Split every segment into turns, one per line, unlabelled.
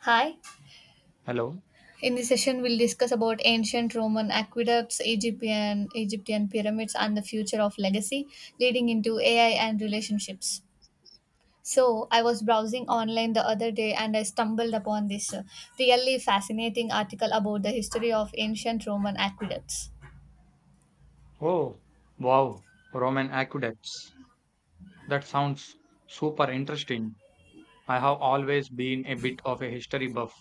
Hi.
Hello.
In this session, we'll discuss about ancient Roman aqueducts, Egyptian pyramids, and the future of legacy, leading into AI and relationships. So, I was browsing online the other day and I stumbled upon this really fascinating article about the history of ancient Roman aqueducts.
Oh, wow. Roman aqueducts. That sounds super interesting. I have always been a bit of a history buff,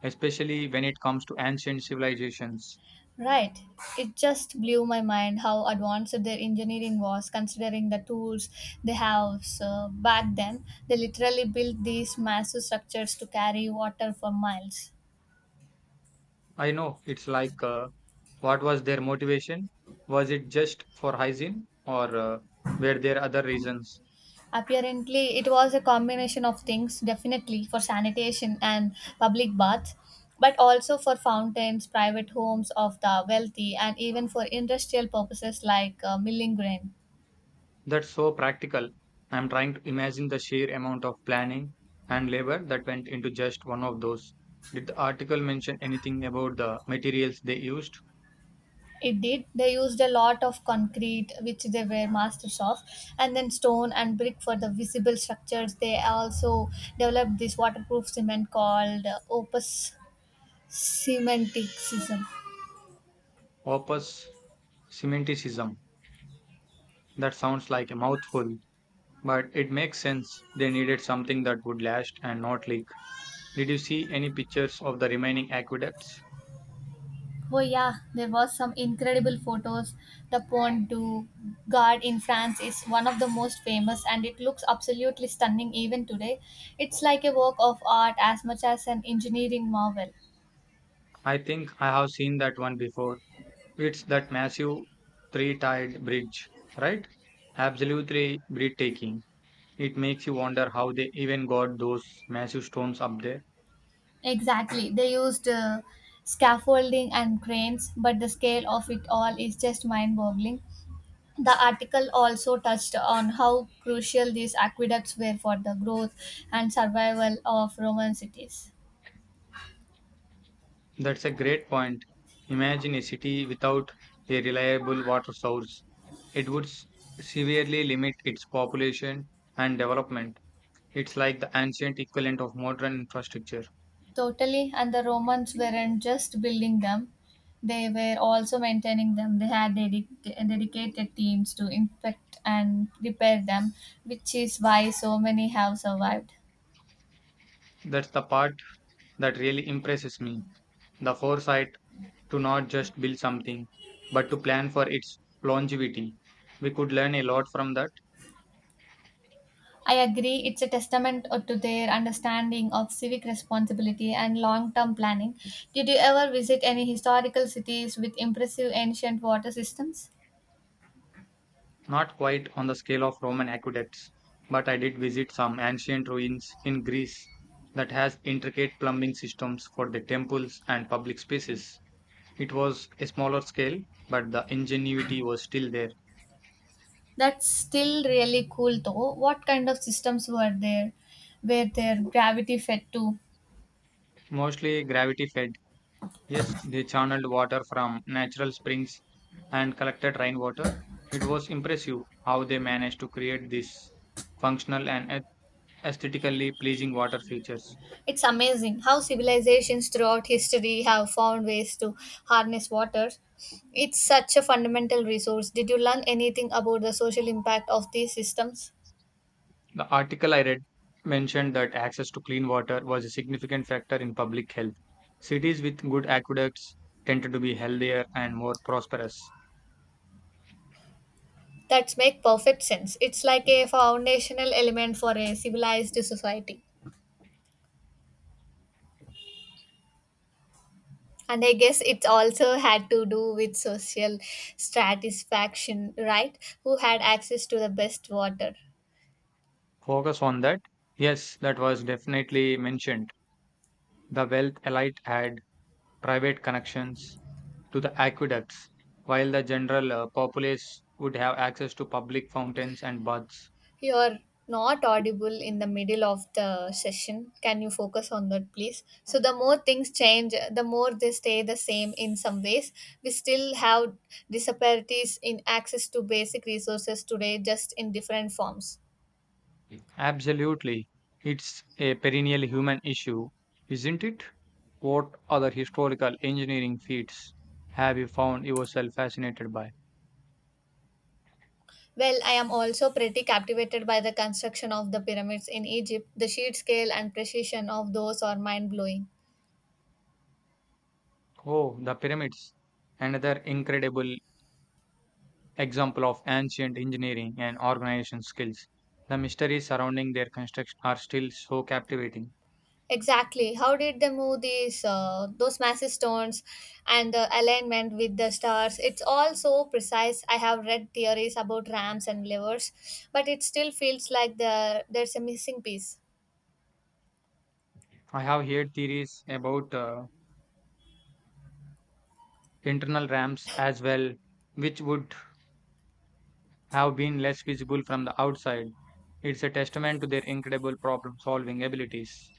especially when it comes to ancient civilizations.
Right. It just blew my mind how advanced their engineering was, considering the tools they have so back then. They literally built these massive structures to carry water for miles.
I know it's like, what was their motivation? Was it just for hygiene, or were there other reasons?
Apparently, it was a combination of things, definitely for sanitation and public baths, but also for fountains, private homes of the wealthy, and even for industrial purposes like milling grain.
That's so practical. I'm trying to imagine the sheer amount of planning and labor that went into just one of those. Did the article mention anything about the materials they used?
It did. They used a lot of concrete, which they were masters of, and then stone and brick for the visible structures. They also developed this waterproof cement called opus cementicism.
Opus semanticism. That sounds like a mouthful, but it makes sense. They needed something that would last and not leak. Did you see any pictures of the remaining aqueducts?
Oh yeah, there was some incredible photos. The Pont du Gard in France is one of the most famous, and it looks absolutely stunning even today. It's like a work of art as much as an engineering marvel.
I think I have seen that one before. It's that massive three tiered bridge, right? Absolutely breathtaking. It makes you wonder how they even got those massive stones up there.
Exactly. They used scaffolding and cranes, but the scale of it all is just mind boggling. The article also touched on how crucial these aqueducts were for the growth and survival of Roman cities.
That's a great point. Imagine a city without a reliable water source. It would severely limit its population and development. It's like the ancient equivalent of modern infrastructure.
Totally, and the Romans weren't just building them, they were also maintaining them. They had dedicated teams to inspect and repair them, which is why so many have survived.
That's the part that really impresses me. The foresight to not just build something, but to plan for its longevity. We could learn a lot from that.
I agree, it's a testament to their understanding of civic responsibility and long term planning. Did you ever visit any historical cities with impressive ancient water systems?
Not quite on the scale of Roman aqueducts, but I did visit some ancient ruins in Greece that has intricate plumbing systems for the temples and public spaces. It was a smaller scale, but the ingenuity was still there.
That's still really cool though. What kind of systems were there? Were their gravity fed to?
Mostly gravity fed. Yes, they channeled water from natural springs and collected rainwater. It was impressive how they managed to create these functional and aesthetically pleasing water features.
It's amazing how civilizations throughout history have found ways to harness water. It's such a fundamental resource. Did you learn anything about the social impact of these systems?
The article I read mentioned that access to clean water was a significant factor in public health. Cities with good aqueducts tended to be healthier and more prosperous.
That make perfect sense. It's like a foundational element for a civilized society. And I guess it also had to do with social satisfaction, right? Who had access to the best water?
Focus on that? Yes, that was definitely mentioned. The wealth elite had private connections to the aqueducts, while the general populace would have access to public fountains and baths.
You're not audible in the middle of the session. Can you focus on that, please? So, the more things change, the more they stay the same in some ways. We still have disparities in access to basic resources today, just in different forms.
Absolutely. It's a perennial human issue, isn't it? What other historical engineering feats have you found yourself fascinated by?
Well, I am also pretty captivated by the construction of the pyramids in Egypt. The sheer scale and precision of those are mind blowing.
Oh, the pyramids. Another incredible example of ancient engineering and organization skills. The mysteries surrounding their construction are still so captivating.
Exactly. How did they move these those massive stones and the alignment with the stars? It's all so precise. I have read theories about ramps and levers, but it still feels like there's a missing piece.
I have heard theories about internal ramps as well, which would have been less visible from the outside. It's a testament to their incredible problem solving abilities.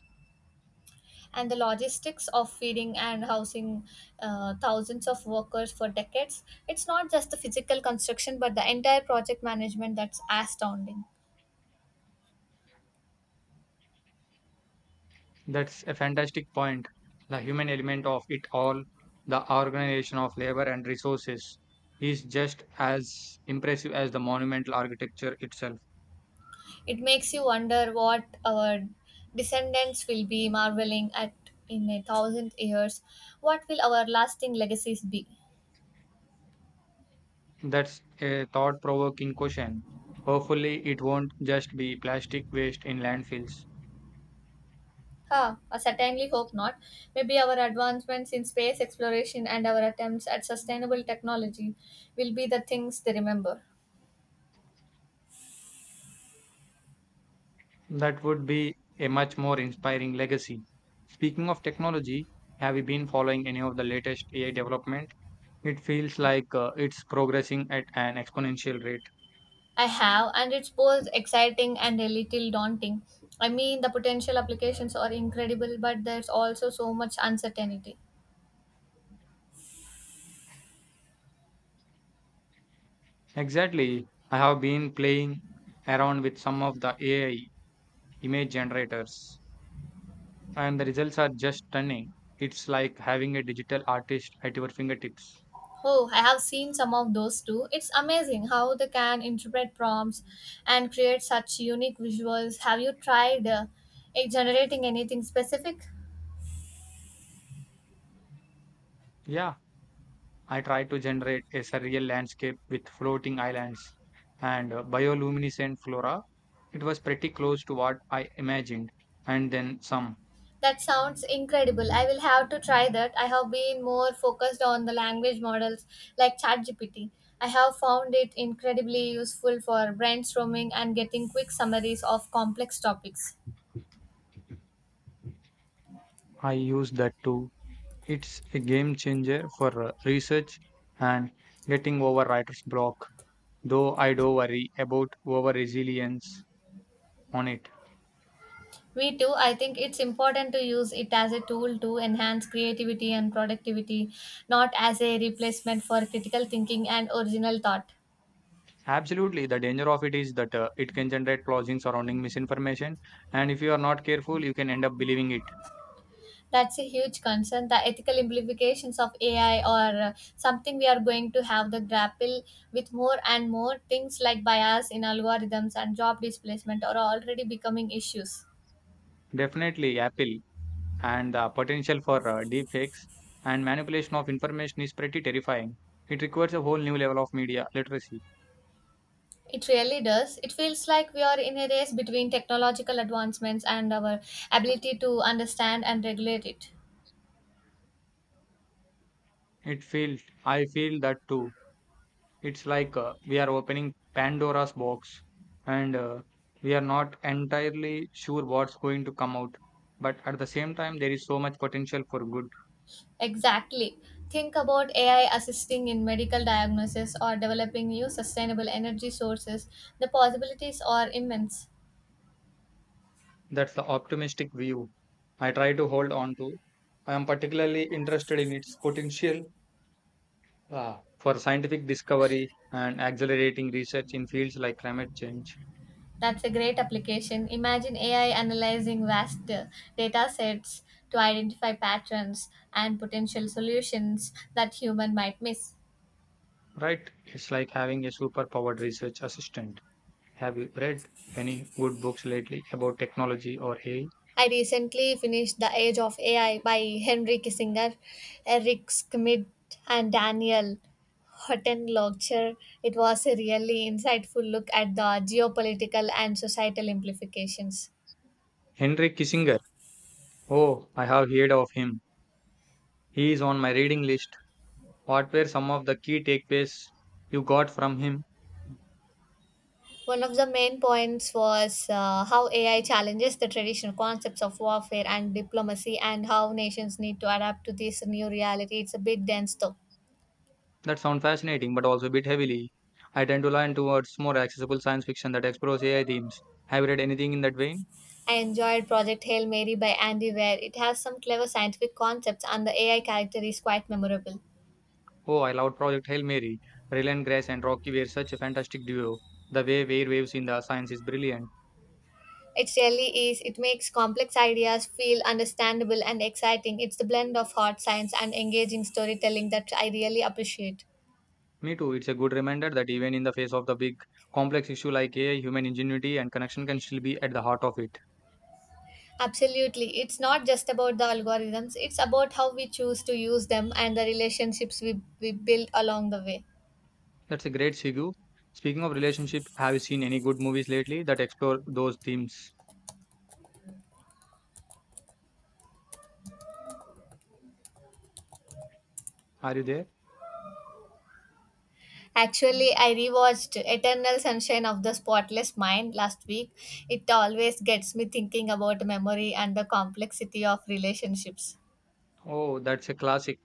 And the logistics of feeding and housing thousands of workers for decades. It's not just the physical construction, but the entire project management that's astounding.
That's a fantastic point. The human element of it all, the organization of labor and resources, is just as impressive as the monumental architecture itself.
It makes you wonder what our descendants will be marveling at in a thousand years. What will our lasting legacies be?
That's a thought provoking question. Hopefully, it won't just be plastic waste in landfills.
Huh, I certainly hope not. Maybe our advancements in space exploration and our attempts at sustainable technology will be the things they remember.
That would be a much more inspiring legacy. Speaking of technology, have you been following any of the latest AI development? It feels like it's progressing at an exponential rate.
I have, and it's both exciting and a little daunting. I mean, the potential applications are incredible, but there's also so much uncertainty.
Exactly. I have been playing around with some of the AI image generators, and the results are just stunning. It's like having a digital artist at your fingertips.
Oh, I have seen some of those too. It's amazing how they can interpret prompts and create such unique visuals. Have you tried generating anything specific?
Yeah, I tried to generate a surreal landscape with floating islands and bioluminescent flora. It was pretty close to what I imagined, and then some.
That sounds incredible. I will have to try that. I have been more focused on the language models like ChatGPT. I have found it incredibly useful for brainstorming and getting quick summaries of complex topics.
I used that too. It's a game changer for research and getting over writer's block, though I do worry about over resilience on it.
Me too, I think it's important to use it as a tool to enhance creativity and productivity, not as a replacement for critical thinking and original thought.
Absolutely, the danger of it is that it can generate clothing surrounding misinformation, and if you are not careful, you can end up believing it.
That's a huge concern. The ethical implications of AI are something we are going to have to grapple with more and more. Things like bias in algorithms and job displacement are already becoming issues.
Definitely, Apple and the potential for deepfakes and manipulation of information is pretty terrifying. It requires a whole new level of media literacy.
It really does. It feels like we are in a race between technological advancements and our ability to understand and regulate it.
It feels I feel that too. It's like we are opening Pandora's box and we are not entirely sure what's going to come out. But at the same time, there is so much potential for good.
Exactly. Think about AI assisting in medical diagnosis or developing new sustainable energy sources. The possibilities are immense.
That's the optimistic view I try to hold on to. I am particularly interested in its potential for scientific discovery and accelerating research in fields like climate change.
That's a great application. Imagine AI analyzing vast data sets to identify patterns and potential solutions that human might miss.
Right? It's like having a superpowered research assistant. Have you read any good books lately about technology or AI?
I recently finished The Age of AI by Henry Kissinger, Eric Schmidt, and Daniel Hottenlotcher. It was a really insightful look at the geopolitical and societal implications.
Henry Kissinger. Oh, I have heard of him. He is on my reading list. What were some of the key takeaways you got from him?
One of the main points was how AI challenges the traditional concepts of warfare and diplomacy and how nations need to adapt to this new reality. It's a bit dense though.
That sounds fascinating, but also a bit heavily. I tend to lean towards more accessible science fiction that explores AI themes. Have you read anything in that vein?
I enjoyed Project Hail Mary by Andy Weir. It has some clever scientific concepts and the AI character is quite memorable.
Oh, I loved Project Hail Mary. Rylan Grace and Rocky were such a fantastic duo. The way Weir waves in the science is brilliant.
It really is. It makes complex ideas feel understandable and exciting. It's the blend of hard science and engaging storytelling that I really appreciate.
Me too, it's a good reminder that even in the face of the big, complex issue like AI, human ingenuity and connection can still be at the heart of it.
Absolutely. It's not just about the algorithms, it's about how we choose to use them and the relationships we build along the way.
That's a great segue. Speaking of relationship, have you seen any good movies lately that explore those themes? Are you there?
Actually, I rewatched Eternal Sunshine of the Spotless Mind last week. It always gets me thinking about memory and the complexity of relationships.
Oh, that's a classic.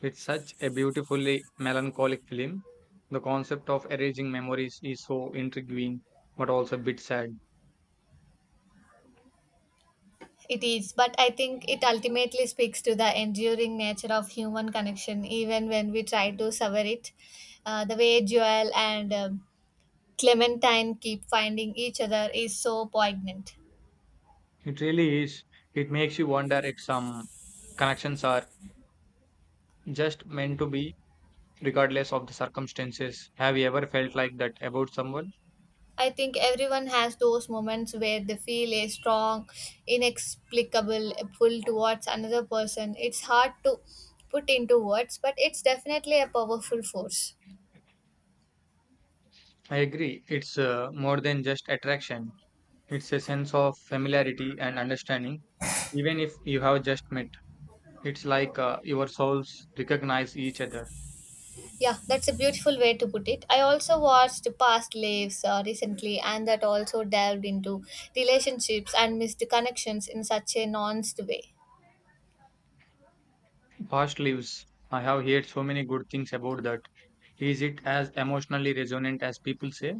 It's such a beautifully melancholic film. The concept of erasing memories is so intriguing, but also a bit sad.
It is, but I think it ultimately speaks to the enduring nature of human connection, even when we try to sever it. The way Joel and Clementine keep finding each other is so poignant.
It really is. It makes you wonder if some connections are just meant to be, regardless of the circumstances. Have you ever felt like that about someone?
I think everyone has those moments where they feel a strong, inexplicable pull towards another person. It's hard to put into words, but it's definitely a powerful force.
I agree. It's more than just attraction. It's a sense of familiarity and understanding, even if you have just met. It's like your souls recognize each other.
Yeah, that's a beautiful way to put it. I also watched Past Lives recently, and that also delved into relationships and missed connections in such a nuanced way.
Past lives. I have heard so many good things about that. Is it as emotionally resonant as people say?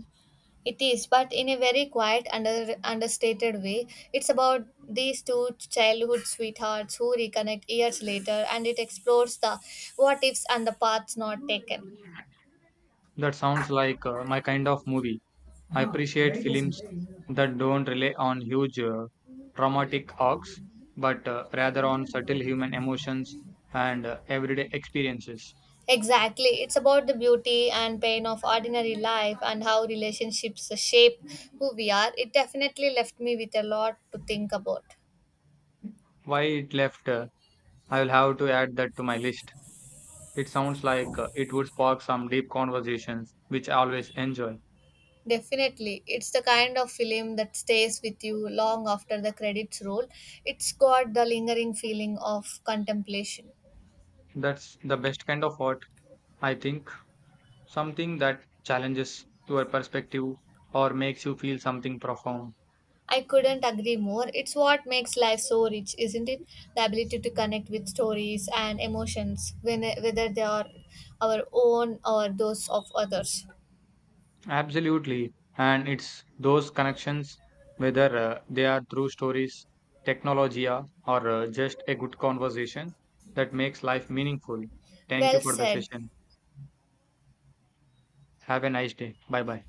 It is, but in a very quiet, understated way. It's about these two childhood sweethearts who reconnect years later, and it explores the what ifs and the paths not taken.
That sounds like my kind of movie. I appreciate films that don't rely on huge dramatic arcs, but rather on subtle human emotions and everyday experiences.
Exactly, it's about the beauty and pain of ordinary life and how relationships shape who we are. It definitely left me with a lot to think about.
Why it left? I will have to add that to my list. It sounds like it would spark some deep conversations, which I always enjoy.
Definitely. It's the kind of film that stays with you long after the credits roll. It's got the lingering feeling of contemplation.
That's the best kind of art, I think. Something that challenges your perspective or makes you feel something profound.
I couldn't agree more. It's what makes life so rich, isn't it? The ability to connect with stories and emotions, whether they are our own or those of others.
Absolutely. And it's those connections, whether they are through stories, technology, or just a good conversation, that makes life meaningful. Thank you
Well
for the
said.
session. Have a nice day. Bye bye.